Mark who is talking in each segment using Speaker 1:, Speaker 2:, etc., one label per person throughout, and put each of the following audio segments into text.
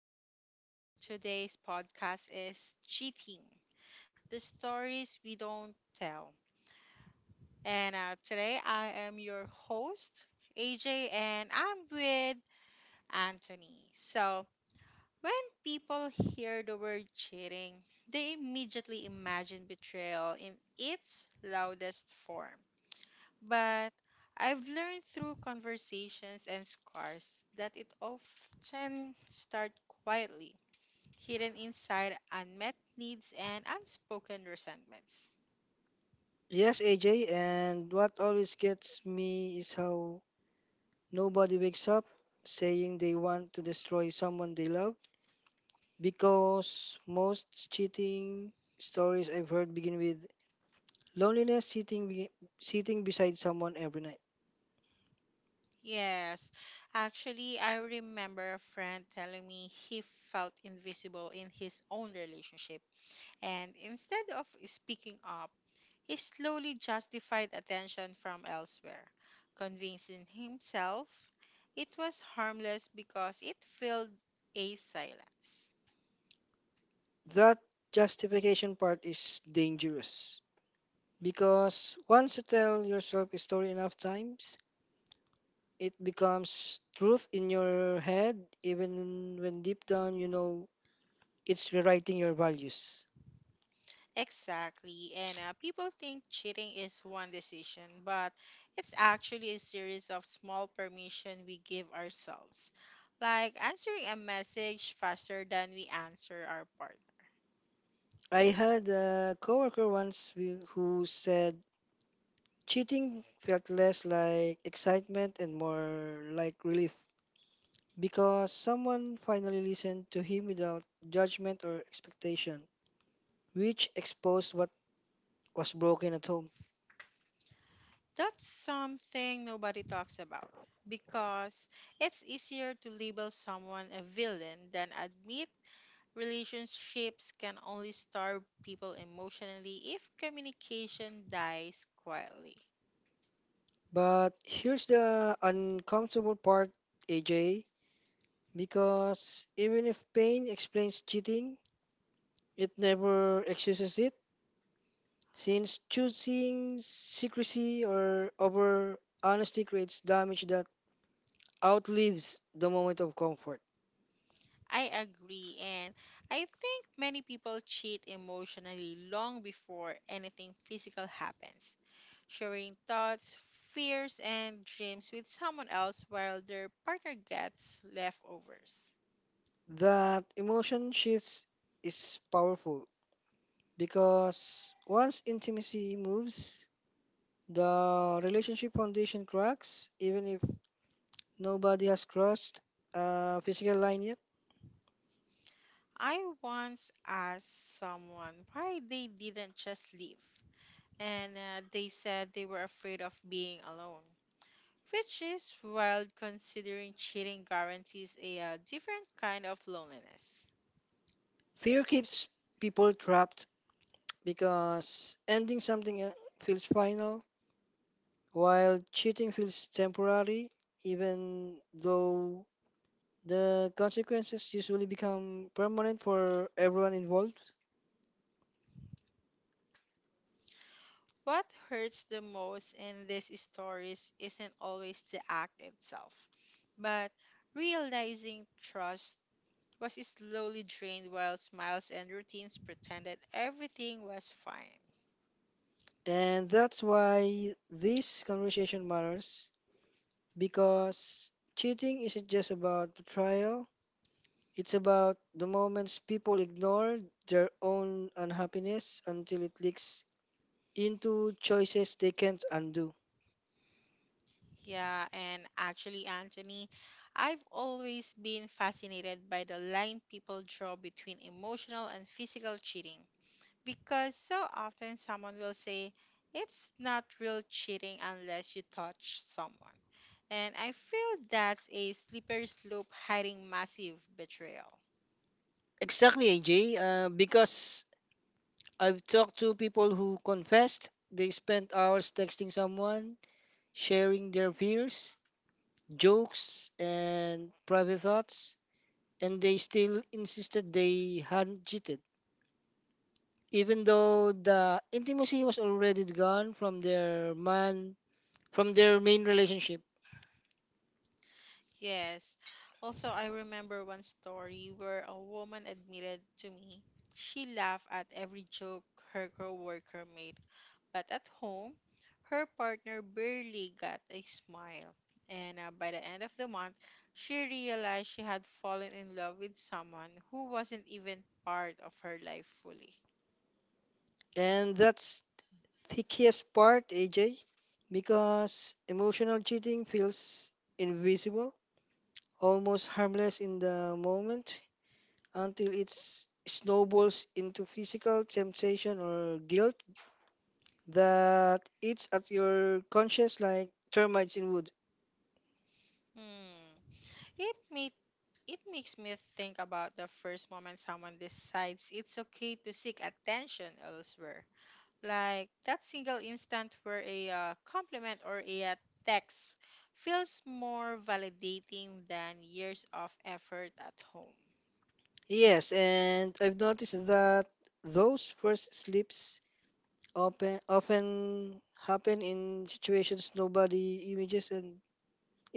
Speaker 1: for today's podcast is Cheating, The Stories We Don't Tell. And Today I am your host, AJ, and I'm with Anthony. So, when people hear the word cheating, they immediately imagine betrayal in its loudest form. But I've learned through conversations and scars that it often start quietly, hidden inside unmet needs and unspoken resentments.
Speaker 2: Yes, AJ, and what always gets me is how nobody wakes up saying they want to destroy someone they love because most cheating stories I've heard begin with loneliness sitting beside someone every night.
Speaker 1: Yes, actually, I remember a friend telling me he felt invisible in his own relationship. And instead of speaking up, he slowly justified attention from elsewhere, convincing himself it was harmless because it filled a silence.
Speaker 2: That justification part is dangerous because once you tell yourself a story enough times, it becomes truth in your head even when deep down you know it's rewriting your values.
Speaker 1: Exactly, and people think cheating is one decision, but it's actually a series of small permission we give ourselves, like answering a message faster than we answer our partner.
Speaker 2: I had a coworker once who said cheating felt less like excitement and more like relief because someone finally listened to him without judgment or expectation, which exposed what was broken at home.
Speaker 1: That's something nobody talks about because it's easier to label someone a villain than admit relationships can only starve people emotionally if communication dies quietly.
Speaker 2: But here's the uncomfortable part, AJ, because even if pain explains cheating, it never excuses it since choosing secrecy or over honesty creates damage that outlives the moment of comfort.
Speaker 1: I agree, and I think many people cheat emotionally long before anything physical happens. Sharing thoughts, fears, and dreams with someone else while their partner gets leftovers.
Speaker 2: That emotion shifts is powerful because once intimacy moves, the relationship foundation cracks, even if nobody has crossed a physical line yet.
Speaker 1: I once asked someone why they didn't just leave, and they said they were afraid of being alone, which is wild considering cheating guarantees a different kind of loneliness.
Speaker 2: Fear keeps people trapped because ending something feels final, while cheating feels temporary, even though the consequences usually become permanent for everyone involved.
Speaker 1: What hurts the most in these stories isn't always the act itself, but realizing trust was slowly drained while smiles and routines pretended everything was fine.
Speaker 2: And that's why this conversation matters because cheating isn't just about betrayal, it's about the moments people ignore their own unhappiness until it leaks into choices they can't undo.
Speaker 1: Yeah, and actually, Anthony, I've always been fascinated by the line people draw between emotional and physical cheating because so often someone will say it's not real cheating unless you touch someone. And I feel that's a slippery slope hiding massive betrayal.
Speaker 2: Exactly, AJ, because I've talked to people who confessed they spent hours texting someone, sharing their fears, jokes, and private thoughts, and they still insisted they hadn't cheated, even though the intimacy was already gone from their main relationship.
Speaker 1: Yes. Also, I remember one story where a woman admitted to me she laughed at every joke her coworker made, but at home, her partner barely got a smile. And By the end of the month, she realized she had fallen in love with someone who wasn't even part of her life fully.
Speaker 2: And that's the keyest part, AJ, because emotional cheating feels invisible, almost harmless in the moment until it snowballs into physical temptation or guilt that eats at your conscience like termites in wood.
Speaker 1: Hmm. It made it makes me think about the first moment someone decides it's okay to seek attention elsewhere, like that single instant where a compliment or a text feels more validating than years of effort at home.
Speaker 2: Yes, and I've noticed that those first slips often happen in situations nobody images and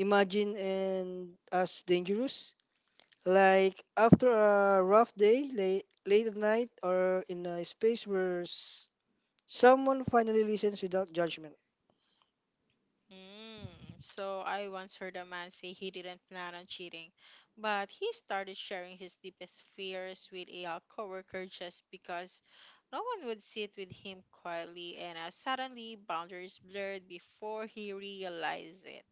Speaker 2: imagine and as dangerous. Like after a rough day, late at night, or in a space where someone finally listens without judgment.
Speaker 1: Mm. So I once heard a man say he didn't plan on cheating, but he started sharing his deepest fears with a coworker just because no one would sit with him quietly, and suddenly boundaries blurred before he realized it.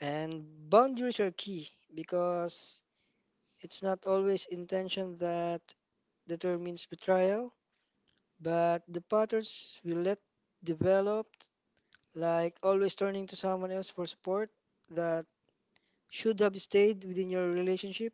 Speaker 2: And boundaries are key because it's not always intention that determines betrayal, but the patterns we let develop, like always turning to someone else for support that should have stayed within your relationship.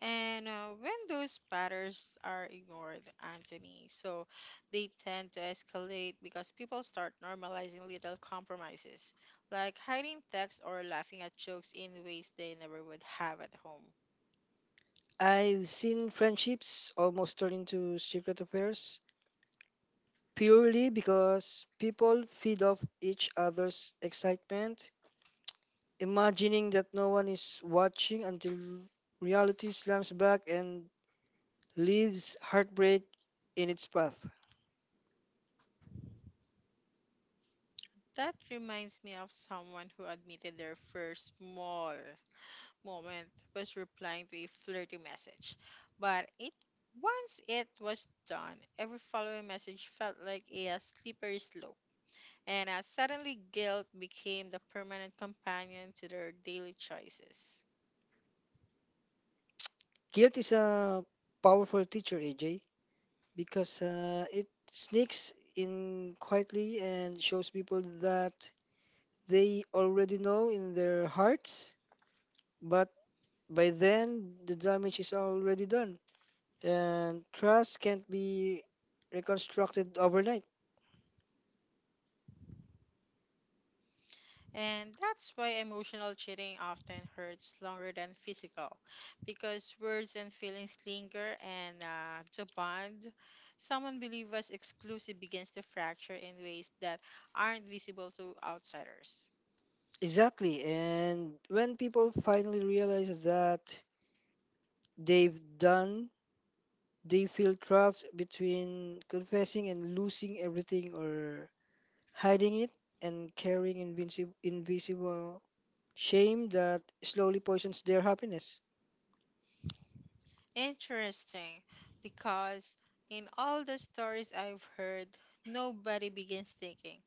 Speaker 1: And When those patterns are ignored, Anthony, so they tend to escalate because people start normalizing little compromises, like hiding text or laughing at jokes in ways they never would have at home.
Speaker 2: I've seen friendships almost turn into secret affairs purely because people feed off each other's excitement, imagining that no one is watching until reality slams back and leaves heartbreak in its path.
Speaker 1: That reminds me of someone who admitted their first small moment was replying to a flirty message. But it Once it was done, every following message felt like a slippery slope, and suddenly guilt became the permanent companion to their daily choices.
Speaker 2: Guilt is a powerful teacher, AJ, because it sneaks in quietly and shows people that they already know in their hearts, but by then the damage is already done, and trust can't be reconstructed overnight.
Speaker 1: And that's why emotional cheating often hurts longer than physical, because words and feelings linger, and the bond someone believes was exclusive begins to fracture in ways that aren't visible to outsiders.
Speaker 2: Exactly, and when people finally realize that they've done, they feel trapped between confessing and losing everything or hiding it and carrying invisible shame that slowly poisons their happiness.
Speaker 1: Interesting, because in all the stories I've heard, nobody begins thinking,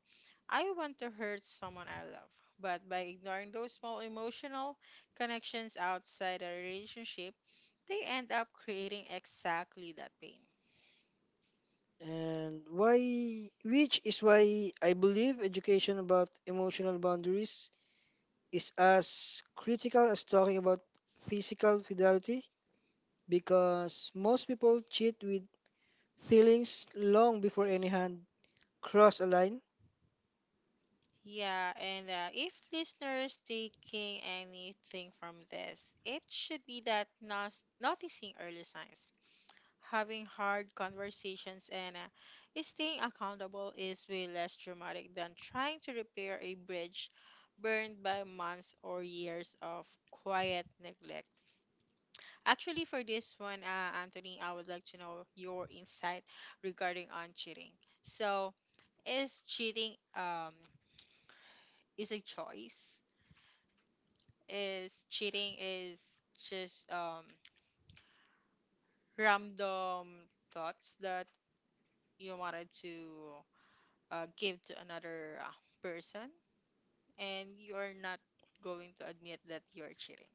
Speaker 1: I want to hurt someone I love, but by ignoring those small emotional connections outside a relationship, they end up creating exactly that pain.
Speaker 2: Which is why I believe education about emotional boundaries is as critical as talking about physical fidelity because most people cheat with feelings long before any hand cross a line.
Speaker 1: Yeah, and if listeners taking anything from this, it should be that noticing early signs, having hard conversations, and staying accountable is way less dramatic than trying to repair a bridge burned by months or years of quiet neglect. Actually, for this one, Anthony, I would like to know your insight regarding on cheating. So, is cheating is a choice? Is cheating is just random thoughts that you wanted to give to another person, and you are not going to admit that you're cheating.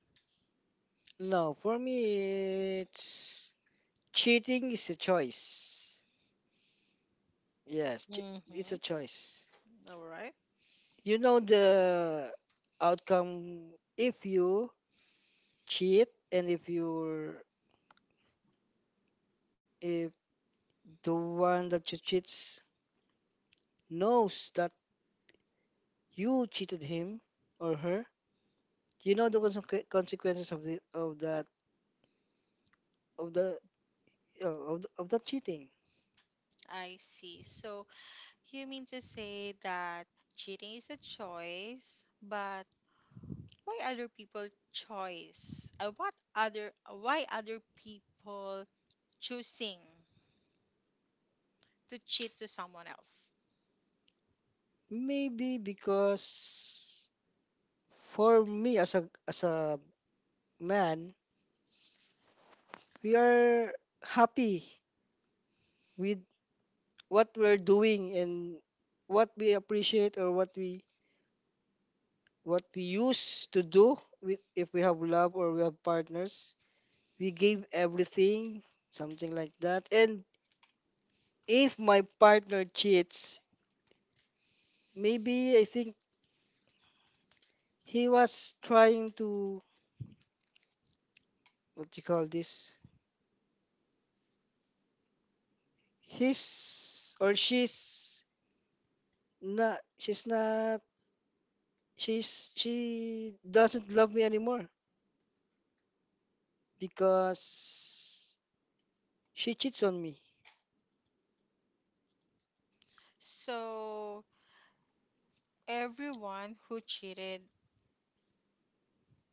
Speaker 2: Now, for me, it's cheating is a choice. Yes, it's a
Speaker 1: Mm-hmm.
Speaker 2: choice.
Speaker 1: All right,
Speaker 2: You know the outcome if you cheat and if the one that you cheats knows that you cheated him or her, you know the consequences of that of the of that cheating.
Speaker 1: I see. So, you mean to say that cheating is a choice, but why other people choice? What other Why other people choosing to cheat to someone else?
Speaker 2: Maybe because for me as a man, we are happy with what we're doing and what we appreciate or what we used to do with. If we have love or we have partners, we give everything, something like that. And if my partner cheats, maybe I think he was trying to, what do you call this, his or not she's not she doesn't love me anymore because she cheats on me.
Speaker 1: So everyone who cheated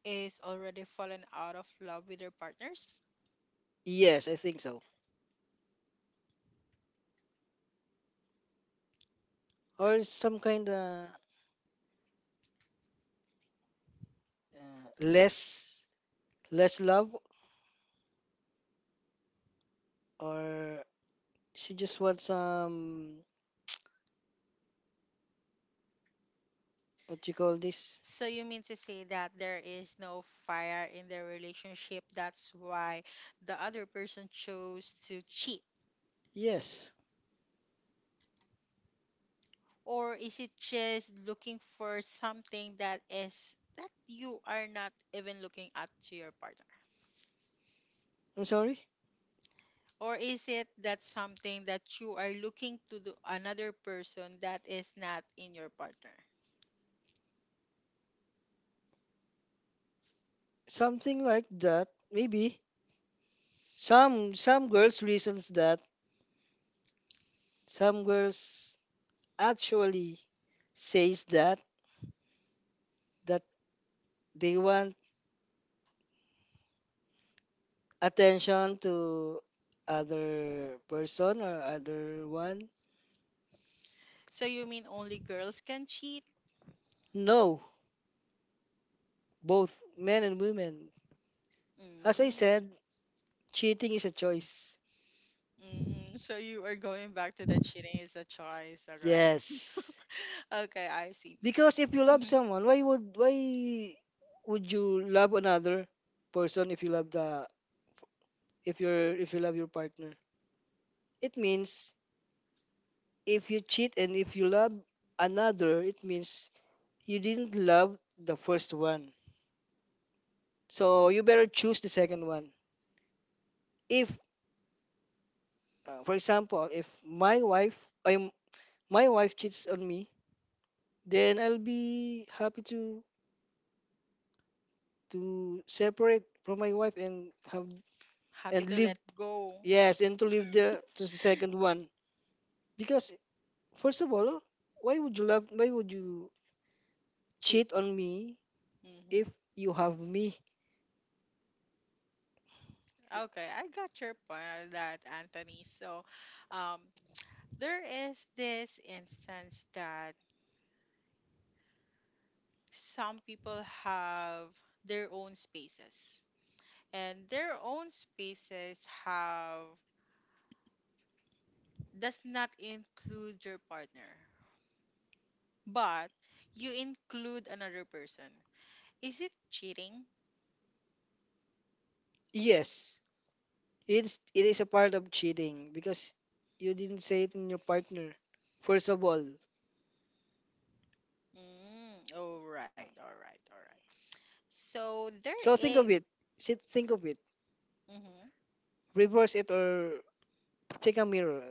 Speaker 1: is already fallen out of love with their partners.
Speaker 2: Yes, I think so, or some kind of uh, less less love, or she just wants some, what you call this.
Speaker 1: So you mean to say that there is no fire in their relationship? That's why the other person chose to cheat,
Speaker 2: Yes,
Speaker 1: or is it just looking for something that is that you are not even looking at to your partner,
Speaker 2: I'm sorry.
Speaker 1: or is it that something that you are looking to the another person that is not in your partner?
Speaker 2: Something like that maybe. Some girls reasons that some girls actually says that that they want attention to other person or other one.
Speaker 1: So you mean only girls can cheat?
Speaker 2: No, both men and women. As I
Speaker 1: Mm.
Speaker 2: said, cheating is a choice.
Speaker 1: Mm. So you are going back to the cheating is a choice. All right.
Speaker 2: Yes.
Speaker 1: Okay, I see.
Speaker 2: Because if you love
Speaker 1: Hmm.
Speaker 2: someone, why would you love another person if you love the, if you're, if you love your partner? It means if you cheat and if you love another, it means you didn't love the first one. So you better choose the second one. If for example, if my wife I'm my wife cheats on me, then I'll be happy to separate from my wife and have
Speaker 1: Happy
Speaker 2: and
Speaker 1: to
Speaker 2: live.
Speaker 1: let go.
Speaker 2: Yes, and to leave the to the second one, because first of all, why would you love? Why would you
Speaker 1: Cheat.
Speaker 2: cheat on me
Speaker 1: Hmm.
Speaker 2: if you have me?
Speaker 1: Okay, I got your point on that, Anthony. So um there is this instance that some people have their own spaces, and their own spaces have does not include your partner, but you include another person. Is it cheating?
Speaker 2: Yes, it is a part of cheating because you didn't say it in your partner. First of all,
Speaker 1: Mm, all right, all right, all right. So there
Speaker 2: so think
Speaker 1: is,
Speaker 2: of it. Sit, think of it.
Speaker 1: mhm,
Speaker 2: Reverse it or take a mirror,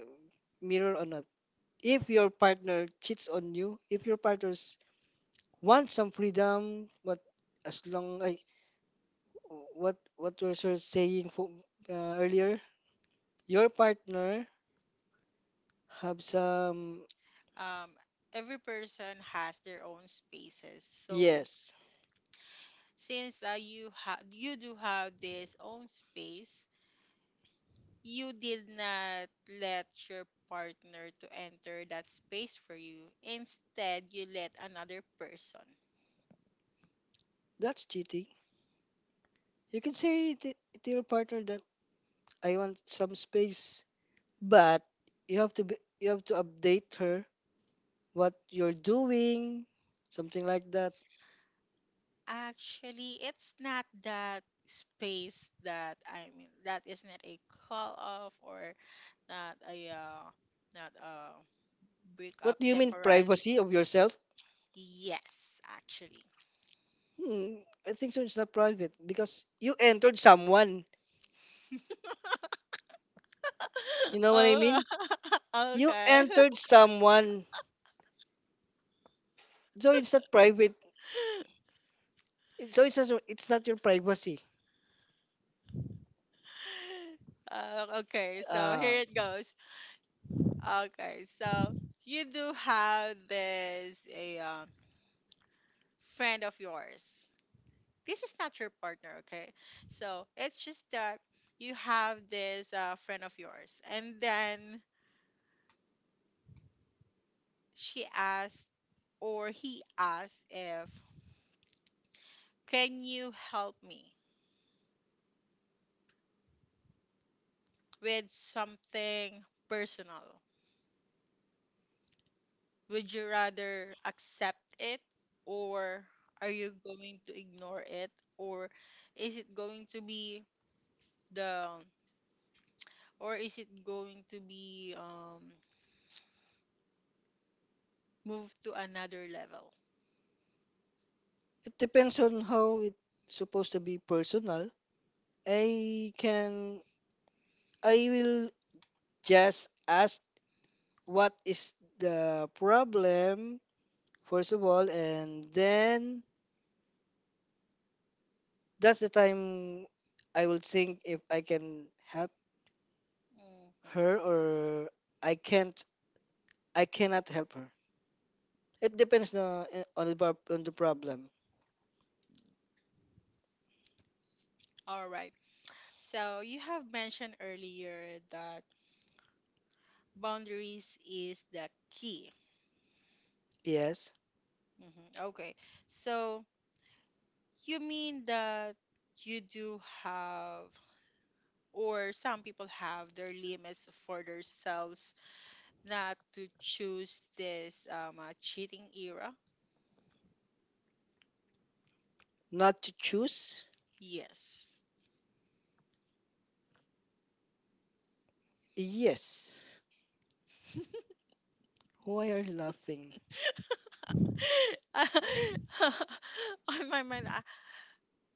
Speaker 2: mirror or not. If your partner cheats on you, if your partners want some freedom, but as long, what was you saying for, earlier? Your partner have some.
Speaker 1: um, every person has their own spaces. So
Speaker 2: Yes.
Speaker 1: since you have you do have this own space, you did not let your partner to enter that space for you. Instead, you let another person.
Speaker 2: That's cheating. You can say to your partner that I want some space, but you have to update her what you're doing, something like that.
Speaker 1: Actually, it's not that space that I mean that is not a call off or not a not a break
Speaker 2: What
Speaker 1: up
Speaker 2: do you mean
Speaker 1: temporarily.
Speaker 2: privacy of yourself?
Speaker 1: Yes, actually.
Speaker 2: Hmm, I think so. It's not private because you entered someone. You know what I
Speaker 1: Oh.
Speaker 2: mean? You
Speaker 1: Okay.
Speaker 2: entered someone, so it's not private. So it's just, it's not your privacy.
Speaker 1: Okay, so
Speaker 2: Uh,
Speaker 1: here it goes. Okay, so you do have this a friend of yours. This is not your partner, okay? So it's just that you have this friend of yours, and then she asked or he asked if, can you help me with something personal? Would you rather accept it, or are you going to ignore it, or is it going to be the or is it going to be moved to another level?
Speaker 2: it depends on how it's supposed to be personal. I can I will just ask what is the problem first of all, and then that's the time I will think if I can help
Speaker 1: Mhm.
Speaker 2: her or I can't I cannot help her. It depends on the on the problem.
Speaker 1: All right. So you have mentioned earlier that boundaries is the key.
Speaker 2: Yes.
Speaker 1: Hmm. Okay. So you mean that you do have, or some people have their limits for themselves not to choose this cheating era?
Speaker 2: Not to choose?
Speaker 1: Yes.
Speaker 2: Yes. Why are you laughing?
Speaker 1: On my mind,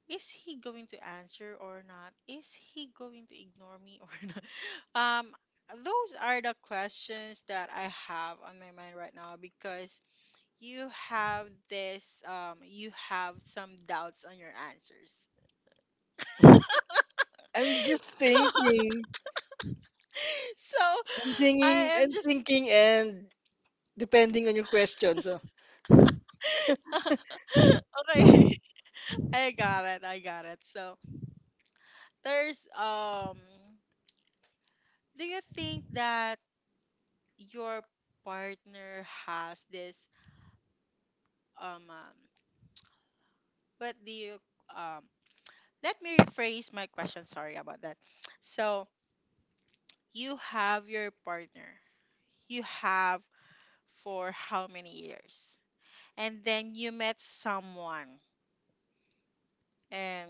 Speaker 1: is he going to answer or not? Is he going to ignore me or not? Um, those are the questions that I have on my mind right now because you have this, you have some doubts on your answers.
Speaker 2: I'm just
Speaker 1: So,
Speaker 2: thinking.
Speaker 1: so I am
Speaker 2: I'm
Speaker 1: just
Speaker 2: thinking, and depending on your question, so
Speaker 1: okay. I got it. I got it. So there's. Do you think that your partner has this um, um But do you um let me rephrase my question, sorry about that. So you have your partner. You have for how many years? And then you met someone and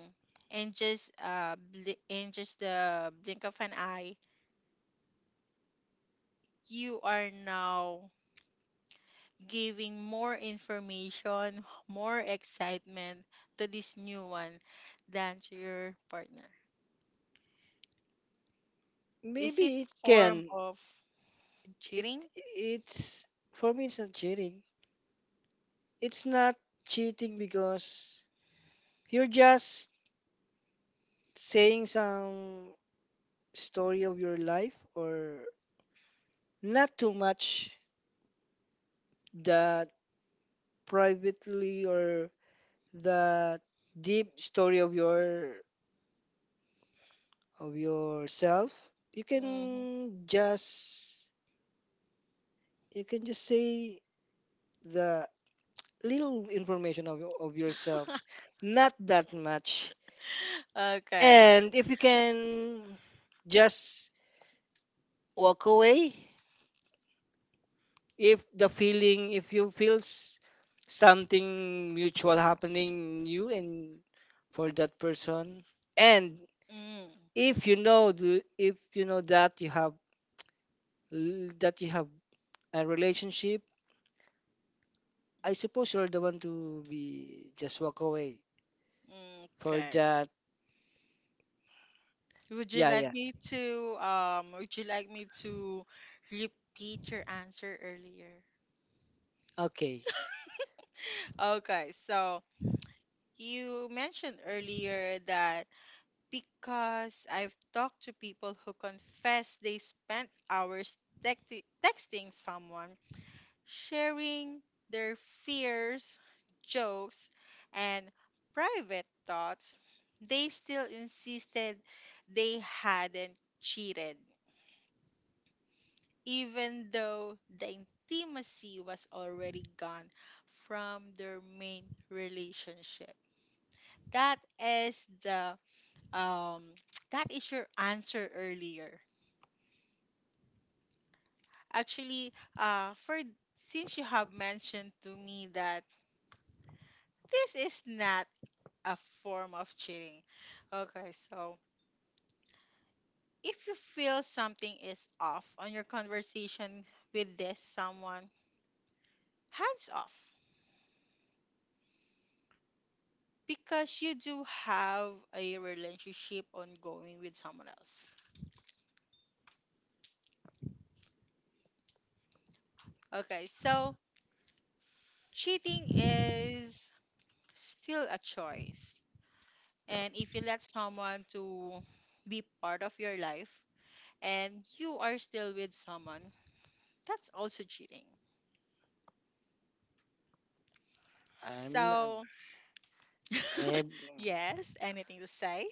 Speaker 1: in just in just the blink of an eye, you are now giving more information, more excitement to this new one than to your partner. Is
Speaker 2: maybe
Speaker 1: it
Speaker 2: it
Speaker 1: form
Speaker 2: can.
Speaker 1: of
Speaker 2: It
Speaker 1: cheating?
Speaker 2: it's for me, it's not cheating. It's not cheating because you're just saying some story of your life, or not too much that privately or the deep story of your of yourself. You
Speaker 1: Hmm.
Speaker 2: can just say the little information of, of yourself, not that much.
Speaker 1: Okay.
Speaker 2: And if you can just walk away, if the feeling, if you feels something mutual happening in you and for that person, and
Speaker 1: Mm,
Speaker 2: if you know if you know that you have that you have a relationship, I suppose you're the one to be just walk away for
Speaker 1: okay.
Speaker 2: that. Yeah, yeah.
Speaker 1: Would you like me to repeat your answer earlier?
Speaker 2: Okay.
Speaker 1: Okay, so you mentioned earlier that because I've talked to people who confess they spent hours texting someone, sharing their fears, jokes, and private thoughts, they still insisted they hadn't cheated, even though the intimacy was already gone from their main relationship. That is the um that is your answer earlier. Actually, for since you have mentioned to me that this is not a form of cheating. Okay, so if you feel something is off on your conversation with this someone, hands off because you do have a relationship ongoing with someone else. Okay, so cheating is still a choice. And if you let someone to be part of your life and you are still with someone, that's also cheating.
Speaker 2: I'm n-
Speaker 1: So,
Speaker 2: eh,
Speaker 1: yes, anything to say?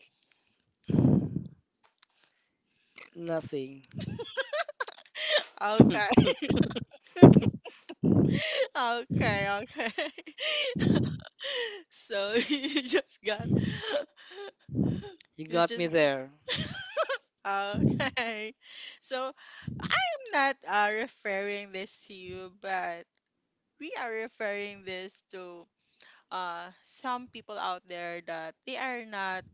Speaker 2: nothing.
Speaker 1: Okay. Okay, okay. So you just got
Speaker 2: You
Speaker 1: you
Speaker 2: got me
Speaker 1: just
Speaker 2: there.
Speaker 1: got okay. So I am not referring this to you, but we are referring this to some people out there that they are not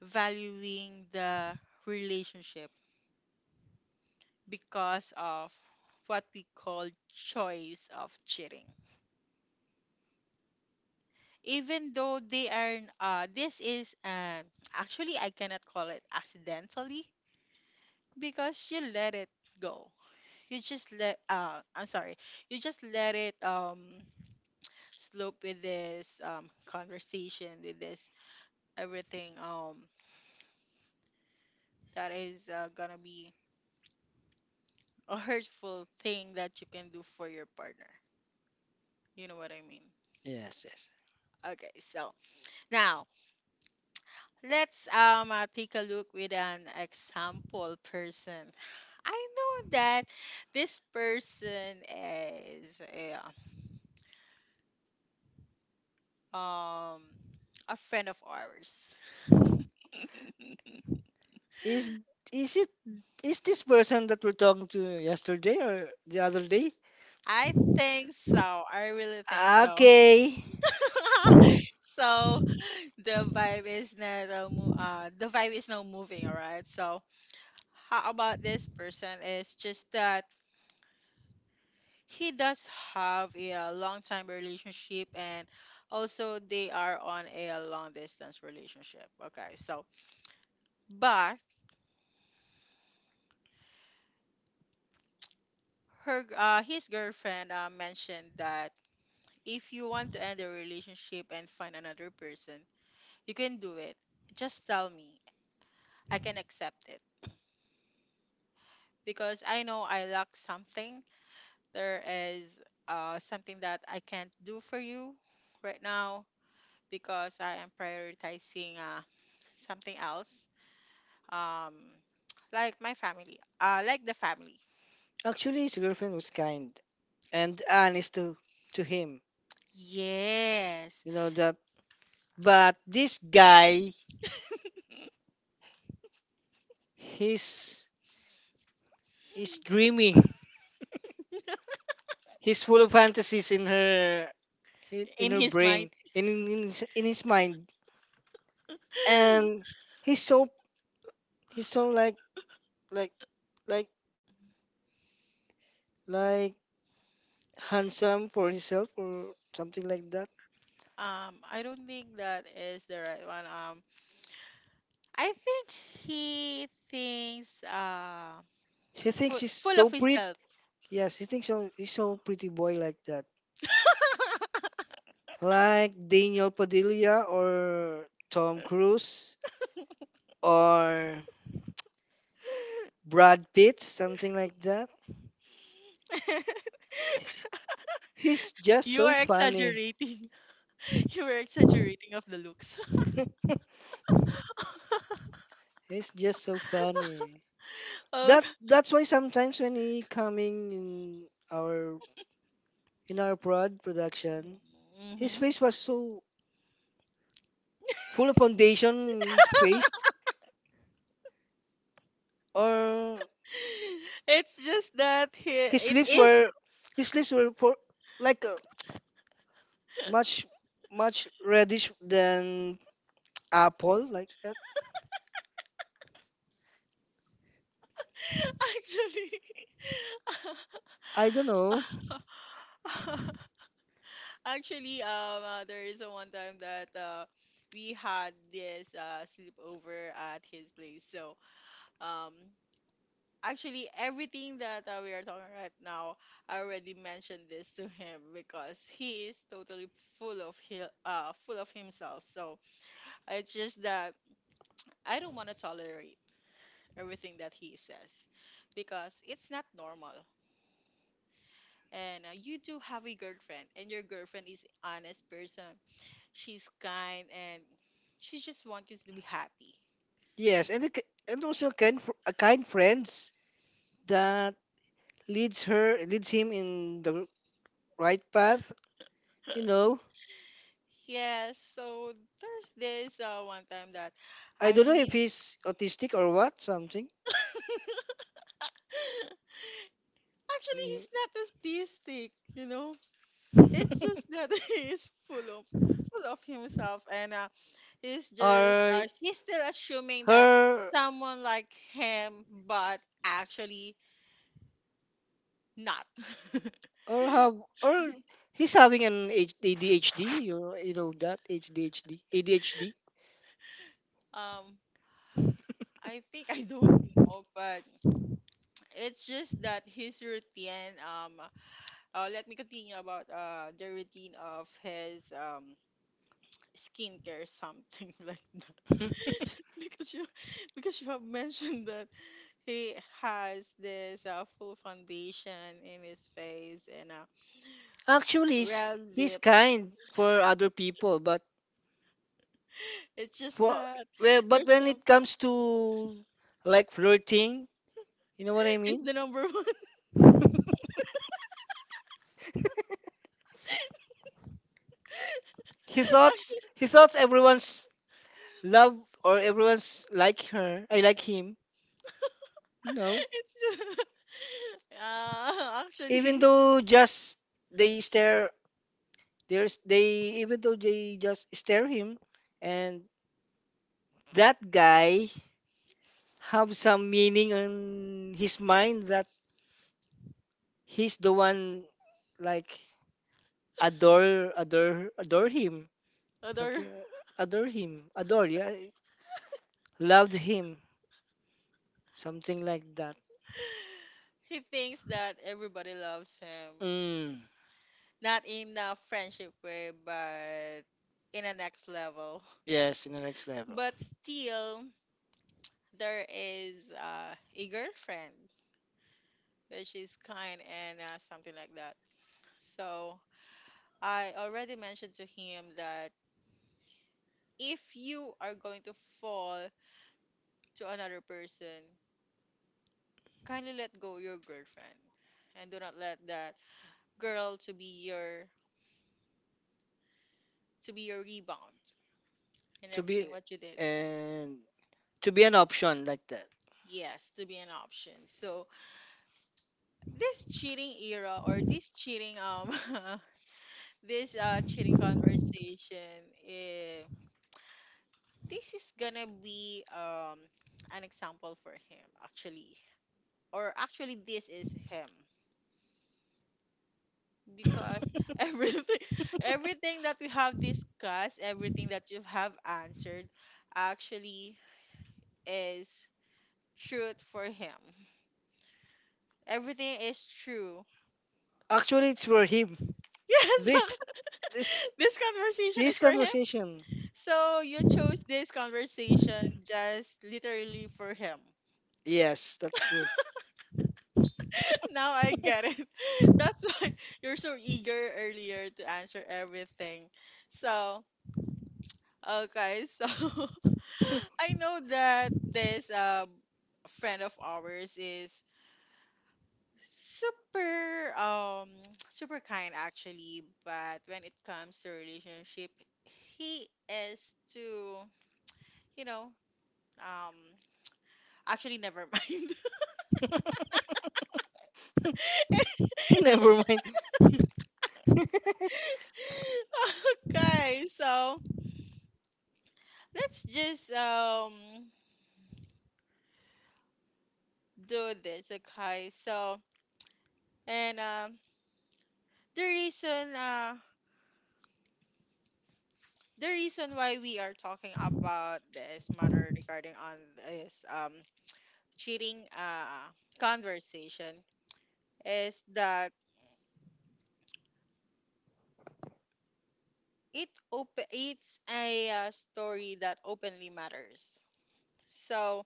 Speaker 1: valuing the relationship because of what we call choice of cheating. Even though they are this is actually I cannot call it accidentally because you let it go. You just let I'm sorry. You just let it slope with this conversation with this everything that is gonna be a hurtful thing that you can do for your partner. You know what I mean?
Speaker 2: Yes, yes.
Speaker 1: Okay, so now let's take a look with an example person. I know that this person is um a friend of ours.
Speaker 2: Is is it is this person that we're talking to yesterday or the other day?
Speaker 1: I think so. I really think so.
Speaker 2: Okay.
Speaker 1: So the vibe is not the vibe is not moving. All right. So how about this person is just that he does have a long time relationship, and also they are on a long distance relationship, okay, so but her his girlfriend mentioned that if you want to end the relationship and find another person, you can do it. Just tell me, I can accept it because I know I lack something. There is something that I can't do for you right now because I am prioritizing something else, um like my family, like the family.
Speaker 2: Actually, his girlfriend was kind and honest to him.
Speaker 1: Yes,
Speaker 2: You know that. But this guy, he's he's dreaming. He's full of fantasies in her,
Speaker 1: in his mind.
Speaker 2: in his mind. And he's so he's so like like like handsome for himself or something like that.
Speaker 1: I don't think that is the right one. I think he thinks.
Speaker 2: He thinks
Speaker 1: full,
Speaker 2: he's
Speaker 1: full
Speaker 2: so
Speaker 1: of
Speaker 2: pretty.
Speaker 1: himself.
Speaker 2: Yes, he thinks so, he's so pretty boy like that, like Daniel Padilla or Tom Cruise or Brad Pitt, something like that. He's just
Speaker 1: You
Speaker 2: so
Speaker 1: are
Speaker 2: funny.
Speaker 1: exaggerating. You are exaggerating of the looks.
Speaker 2: He's just so funny.
Speaker 1: Okay.
Speaker 2: That's why sometimes when he coming our in our production, his
Speaker 1: Hmm.
Speaker 2: face was so full of foundation in his face, or
Speaker 1: It's just that he,
Speaker 2: his
Speaker 1: it
Speaker 2: lips
Speaker 1: is.
Speaker 2: were his lips were for, like much much reddish than apple like that.
Speaker 1: Actually.
Speaker 2: I don't know.
Speaker 1: Actually, there is a one time that we had this sleepover at his place. So, um, actually, everything that we are talking right now, I already mentioned this to him because he is totally full of himself. So it's just that I don't want to tolerate everything that he says because it's not normal. And you do have a girlfriend, and your girlfriend is honest person. She's kind and she just wants you to be happy.
Speaker 2: Yes, and a kind friends that leads him in the right path. You know,
Speaker 1: Yes, so there's this one time that
Speaker 2: I
Speaker 1: I
Speaker 2: don't know if
Speaker 1: need.
Speaker 2: he's autistic or what something.
Speaker 1: Actually,
Speaker 2: Mm,
Speaker 1: he's not autistic, you know. It's just that he's full of himself, and he's just
Speaker 2: or
Speaker 1: he's still assuming that
Speaker 2: her,
Speaker 1: someone like him, but actually not.
Speaker 2: or have, or he's having an ADHD. You you know that ADHD.
Speaker 1: um, I think I don't know, but it's just that his routine. Let me continue about the routine of his skincare something like that. Because you, because you have mentioned that he has this full foundation in his face, and
Speaker 2: Actually,
Speaker 1: red
Speaker 2: he's
Speaker 1: lips.
Speaker 2: kind for other people, but
Speaker 1: It's just
Speaker 2: for
Speaker 1: that
Speaker 2: well, but
Speaker 1: there's
Speaker 2: when
Speaker 1: some.
Speaker 2: it comes to like flirting, you know what I
Speaker 1: It's
Speaker 2: mean.
Speaker 1: the number one.
Speaker 2: He thought he thought everyone's love or everyone's like her. I like him. No.
Speaker 1: It's just
Speaker 2: Even
Speaker 1: actually
Speaker 2: though just they stare, there's they even though they just stare him, and that guy have some meaning in his mind that he's the one like adore him,
Speaker 1: other.
Speaker 2: something, adore, yeah, loved him, something like that.
Speaker 1: He thinks that everybody loves him,
Speaker 2: Mm,
Speaker 1: not in a friendship way, but in a next level.
Speaker 2: yes, in the next level.
Speaker 1: But still, there is a girlfriend, which is kind and something like that. So I already mentioned to him that if you are going to fall to another person, kindly let go your girlfriend, and do not let that girl to be your, to be your rebound and
Speaker 2: To be
Speaker 1: everything what you did.
Speaker 2: and to be an option like that.
Speaker 1: Yes, to be an option. So this cheating era or this cheating, this cheating conversation, eh, this is gonna be an example for him, actually. Or actually, this is him because everything everything that we have discussed, everything that you have answered, actually is truth for him. Everything is true.
Speaker 2: Actually, it's for him.
Speaker 1: Yes.
Speaker 2: This, this,
Speaker 1: This conversation is
Speaker 2: this
Speaker 1: for him.
Speaker 2: conversation.
Speaker 1: So you chose this conversation just literally for him.
Speaker 2: Yes, that's good.
Speaker 1: Now I get it. That's why you're so eager earlier to answer everything. So, okay, so I know that this friend of ours is super super kind actually, but when it comes to relationship, he is too, you know, um actually never mind.
Speaker 2: Never mind.
Speaker 1: Okay, so let's just do this, okay? So and the reason uh the reason why we are talking about this matter regarding on this cheating conversation is that it's a story that openly matters. So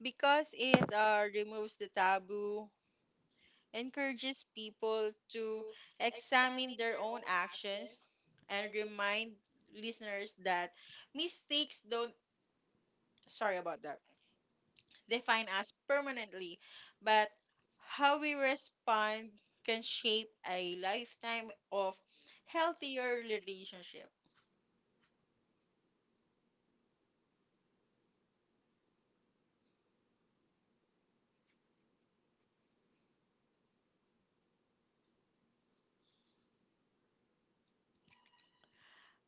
Speaker 1: because it removes the taboo, encourages people to examine their own actions, and remind listeners that mistakes don't, sorry about that, define us permanently, but how we respond can shape a lifetime of healthier relationship.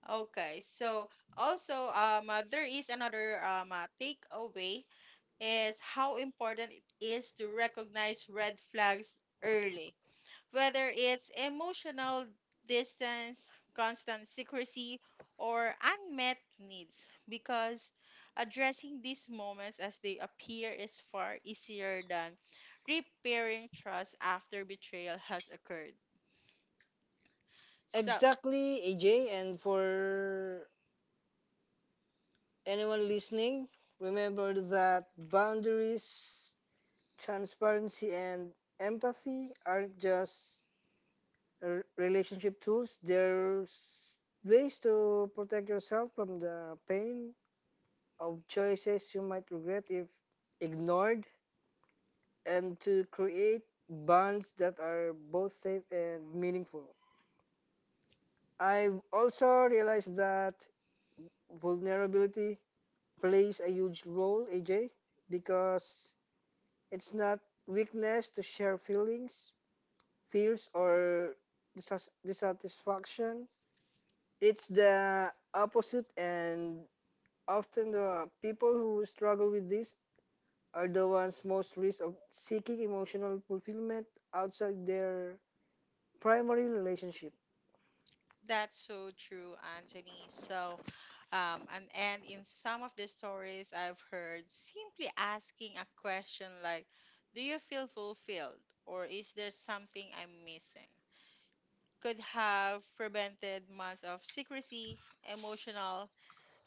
Speaker 1: Okay, so also there is another takeaway is how important it is to recognize red flags early, whether it's emotional distance, constant secrecy, or unmet needs, because addressing these moments as they appear is far easier than repairing trust after betrayal has occurred. So
Speaker 2: Exactly, AJ. And for anyone listening, remember that boundaries, transparency, and empathy aren't just relationship tools. There's ways to protect yourself from the pain of choices you might regret if ignored, and to create bonds that are both safe and meaningful. I've also realized that vulnerability plays a huge role, AJ, because it's not weakness to share feelings, fears, or dissatisfaction. It's the opposite, and often, the people who struggle with this are the ones most risk of seeking emotional fulfillment outside their primary relationship.
Speaker 1: that's so true, Anthony. So, and in some of the stories I've heard, simply asking a question like, do you feel fulfilled? Or is there something I'm missing? Could have prevented months of secrecy, emotional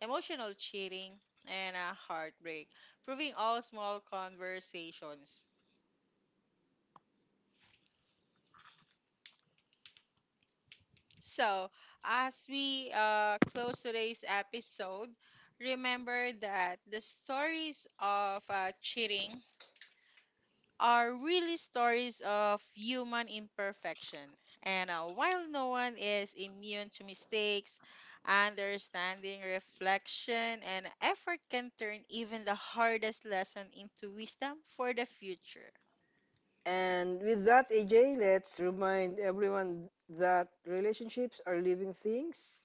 Speaker 1: emotional cheating, and a heartbreak, proving all small conversations. So, as we close today's episode, remember that the stories of cheating are really stories of human imperfection. And while no one is immune to mistakes, understanding, reflection, and effort can turn even the hardest lesson into wisdom for the future.
Speaker 2: And with that, AJ, let's remind everyone that relationships are living things.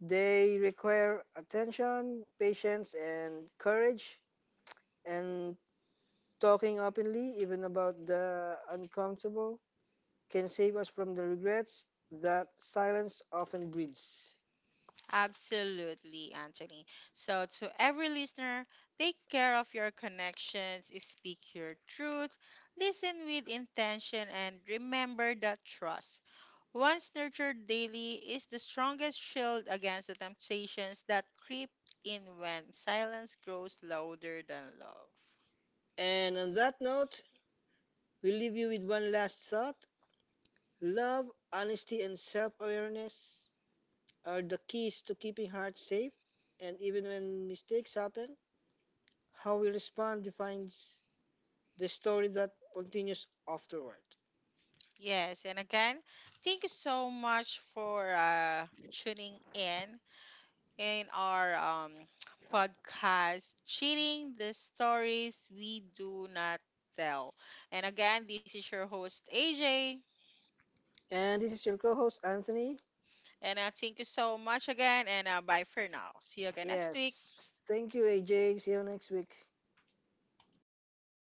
Speaker 2: They require attention, patience, and courage. And talking openly, even about the uncomfortable, can save us from the regrets that silence often breeds.
Speaker 1: Absolutely, Anthony. So, to every listener, take care of your connections, speak your truth, listen with intention, and remember that trust once nurtured daily is the strongest shield against the temptations that creep in when silence grows louder than love.
Speaker 2: And on that note, we leave you with one last thought. Love, honesty, and self awareness are the keys to keeping hearts safe. And even when mistakes happen, how we respond defines the story that continues afterward.
Speaker 1: Yes, and again, thank you so much for tuning in our podcast, Cheating the Stories We Do Not Tell. And again, this is your host, AJ.
Speaker 2: And this is your co host, Anthony.
Speaker 1: And thank you so much again, and bye for now. See you again next week.
Speaker 2: Yes. Thank you, AJ. See you next week.